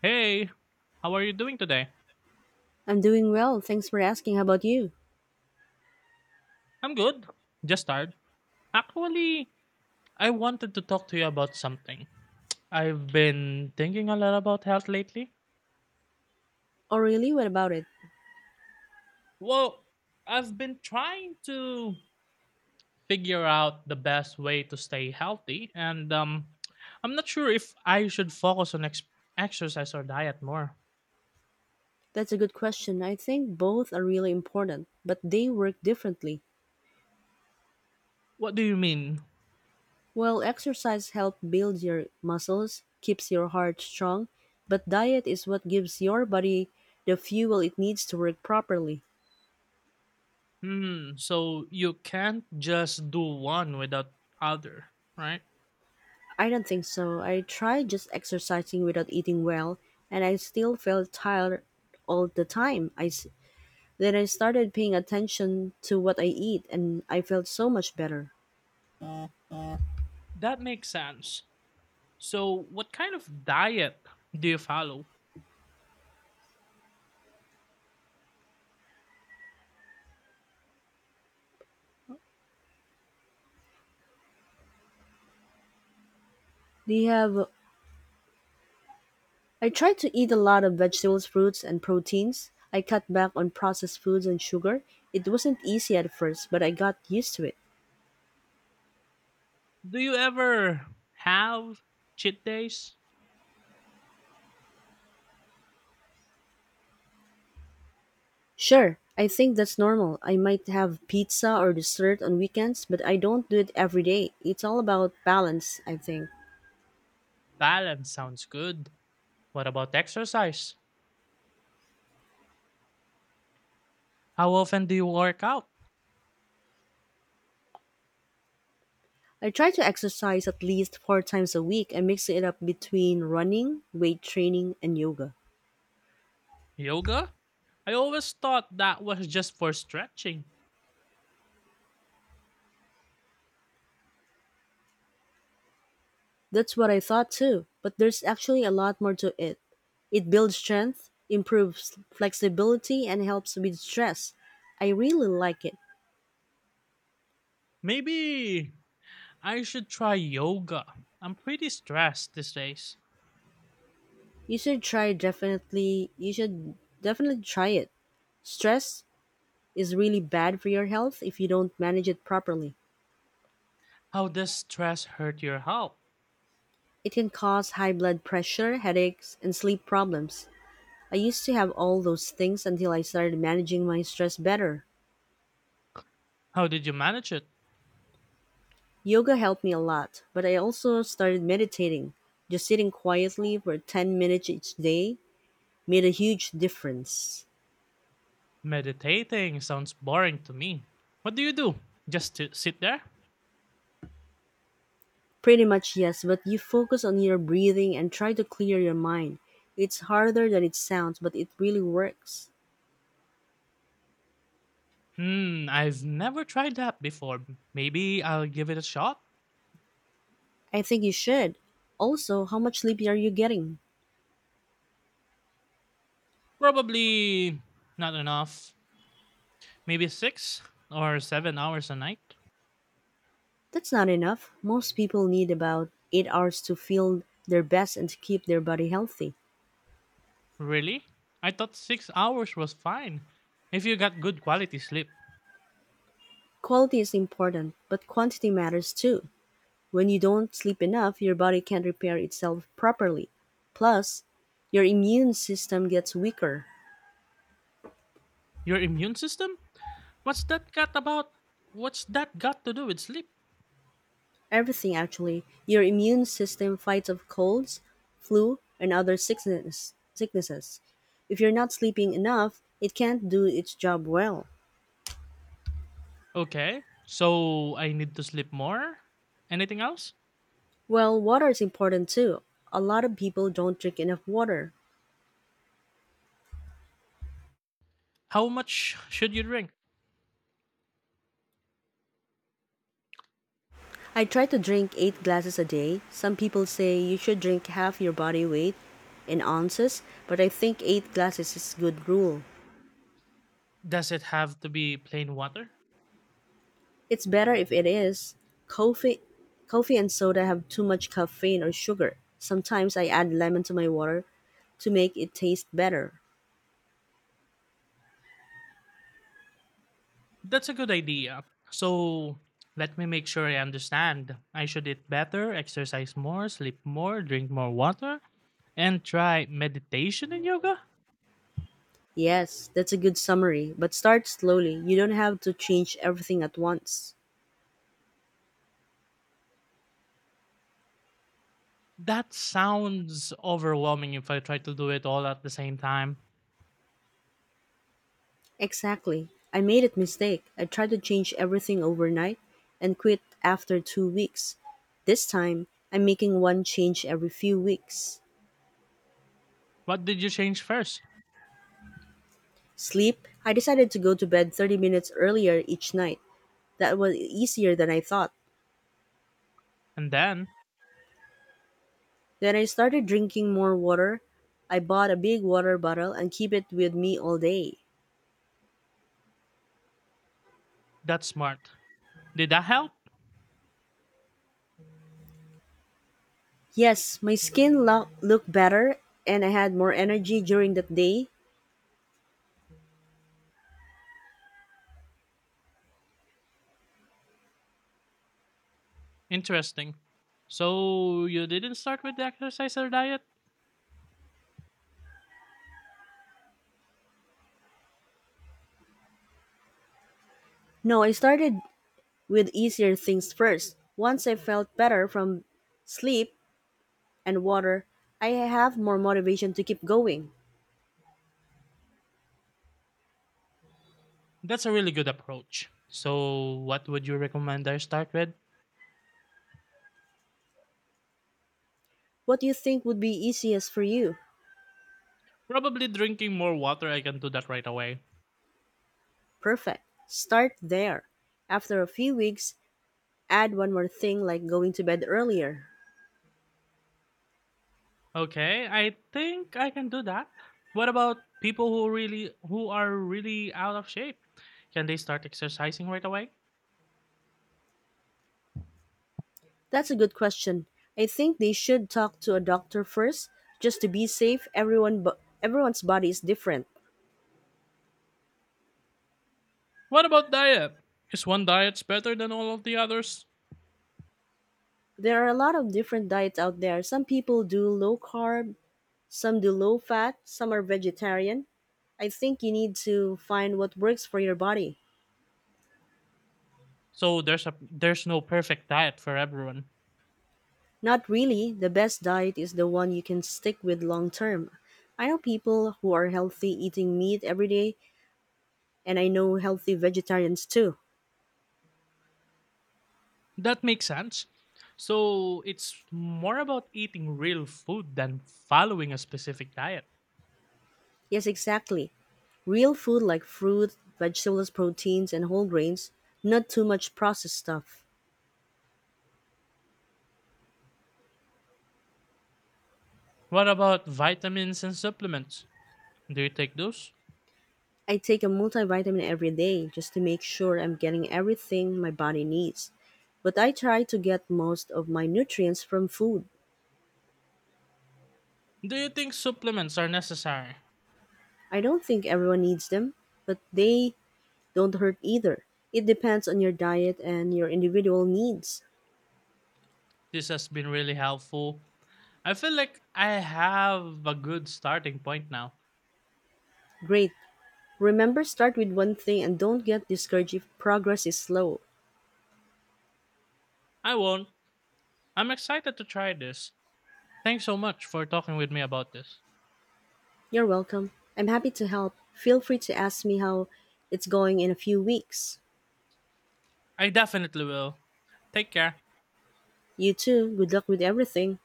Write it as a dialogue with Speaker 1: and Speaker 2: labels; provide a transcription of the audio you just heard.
Speaker 1: Hey, how are you doing today?
Speaker 2: I'm doing well, thanks for asking. How about you?
Speaker 1: I'm good. Just tired. Actually, I wanted to talk to you about something. I've been thinking a lot about health lately.
Speaker 2: Oh, really? What about it?
Speaker 1: Well, I've been trying to figure out the best way to stay healthy, and I'm not sure if I should focus on exercise or diet more.
Speaker 2: That's a good question. I think both are really important, but they work differently.
Speaker 1: What do you mean?
Speaker 2: Well, exercise helps build your muscles, keeps your heart strong, but diet is what gives your body the fuel it needs to work properly.
Speaker 1: Hmm, so you can't just do one without other, right?
Speaker 2: I don't think so. I tried just exercising without eating well, and I still felt tired all the time. Then I started paying attention to what I eat, and I felt so much better.
Speaker 1: That makes sense. So, what kind of diet do you follow?
Speaker 2: Do you have I try to eat a lot of vegetables, fruits, and proteins. I cut back on processed foods and sugar. It wasn't easy at first, but I got used to it.
Speaker 1: Do you ever have cheat days?
Speaker 2: Sure, I think that's normal. I might have pizza or dessert on weekends, but I don't do it every day. It's all about balance, I think.
Speaker 1: Balance sounds good. What about exercise? How often do you work out?
Speaker 2: I try to exercise at least four times a week and mix it up between running, weight training, and yoga.
Speaker 1: Yoga? I always thought that was just for stretching.
Speaker 2: That's what I thought too, but there's actually a lot more to it. It builds strength, improves flexibility, and helps with stress. I really like it.
Speaker 1: Maybe I should try yoga. I'm pretty stressed these days.
Speaker 2: You should try definitely. You should definitely try it. Stress is really bad for your health if you don't manage it properly.
Speaker 1: How does stress hurt your health?
Speaker 2: It can cause high blood pressure, headaches, and sleep problems. I used to have all those things until I started managing my stress better.
Speaker 1: How did you manage it?
Speaker 2: Yoga helped me a lot, but I also started meditating. Just sitting quietly for 10 minutes each day made a huge difference.
Speaker 1: Meditating sounds boring to me. What do you do? Just to sit there?
Speaker 2: Pretty much, yes, but you focus on your breathing and try to clear your mind. It's harder than it sounds, but it really works.
Speaker 1: Hmm, I've never tried that before. Maybe I'll give it a shot?
Speaker 2: I think you should. Also, how much sleep are you getting?
Speaker 1: Probably not enough. Maybe 6 or 7 hours a night?
Speaker 2: That's not enough. Most people need about 8 hours to feel their best and to keep their body healthy.
Speaker 1: Really? I thought 6 hours was fine. If you got good quality sleep.
Speaker 2: Quality is important, but quantity matters too. When you don't sleep enough, your body can't repair itself properly. Plus, your immune system gets weaker.
Speaker 1: Your immune system? What's that got about? What's that got to do with sleep?
Speaker 2: Everything actually. Your immune system fights off colds, flu, and other sicknesses. If you're not sleeping enough, it can't do its job well.
Speaker 1: Okay, so I need to sleep more? Anything else?
Speaker 2: Well, water is important too. A lot of people don't drink enough water.
Speaker 1: How much should you drink?
Speaker 2: I try to drink 8 glasses a day. Some people say you should drink half your body weight in ounces, but I think 8 glasses is a good rule.
Speaker 1: Does it have to be plain water?
Speaker 2: It's better if it is. Coffee coffee and soda have too much caffeine or sugar. Sometimes I add lemon to my water to make it taste better.
Speaker 1: That's a good idea. So, let me make sure I understand. I should eat better, exercise more, sleep more, drink more water, and try meditation and yoga?
Speaker 2: Yes, that's a good summary, but start slowly. You don't have to change everything at once.
Speaker 1: That sounds overwhelming if I try to do it all at the same time.
Speaker 2: Exactly. I made a mistake. I tried to change everything overnight and quit after 2 weeks. This time, I'm making one change every few weeks.
Speaker 1: What did you change first?
Speaker 2: Sleep, I decided to go to bed 30 minutes earlier each night. That was easier than I thought.
Speaker 1: And then,
Speaker 2: Then I started drinking more water. I bought a big water bottle and keep it with me all day.
Speaker 1: that's smart. Did that help?
Speaker 2: Yes, looked better and I had more energy during that day.
Speaker 1: Interesting. So, you didn't start with the exercise or diet?
Speaker 2: No, I started with easier things first. Once I felt better from sleep and water, I have more motivation to keep going.
Speaker 1: That's a really good approach. So, what would you recommend I start with?
Speaker 2: What do you think would be easiest for you?
Speaker 1: Probably drinking more water, I can do that right away.
Speaker 2: Perfect. Start there. After a few weeks, add one more thing like going to bed earlier.
Speaker 1: Okay, I think I can do that. What about people who are really out of shape? Can they start exercising right away?
Speaker 2: That's a good question. I think they should talk to a doctor first just to be safe. Everyone's body is different.
Speaker 1: What about diet? Is one diet's better than all of the others?
Speaker 2: There are a lot of different diets out there. Some people do low carb, some do low fat, some are vegetarian. I think you need to find what works for your body.
Speaker 1: So there's no perfect diet for everyone.
Speaker 2: Not really. The best diet is the one you can stick with long term. I know people who are healthy eating meat every day, and I know healthy vegetarians too.
Speaker 1: That makes sense. So it's more about eating real food than following a specific diet.
Speaker 2: Yes, exactly. Real food like fruit, vegetables, proteins, and whole grains, not too much processed stuff.
Speaker 1: What about vitamins and supplements? Do you take those?
Speaker 2: I take a multivitamin every day just to make sure I'm getting everything my body needs. But I try to get most of my nutrients from food.
Speaker 1: Do you think supplements are necessary?
Speaker 2: I don't think everyone needs them, but they don't hurt either. It depends on your diet and your individual needs.
Speaker 1: This has been really helpful. I feel like I have a good starting point now.
Speaker 2: Great. Remember, start with one thing and don't get discouraged if progress is slow.
Speaker 1: I won't. I'm excited to try this. Thanks so much for talking with me about this.
Speaker 2: You're welcome. I'm happy to help. Feel free to ask me how it's going in a few weeks.
Speaker 1: I definitely will. Take care.
Speaker 2: You too. Good luck with everything.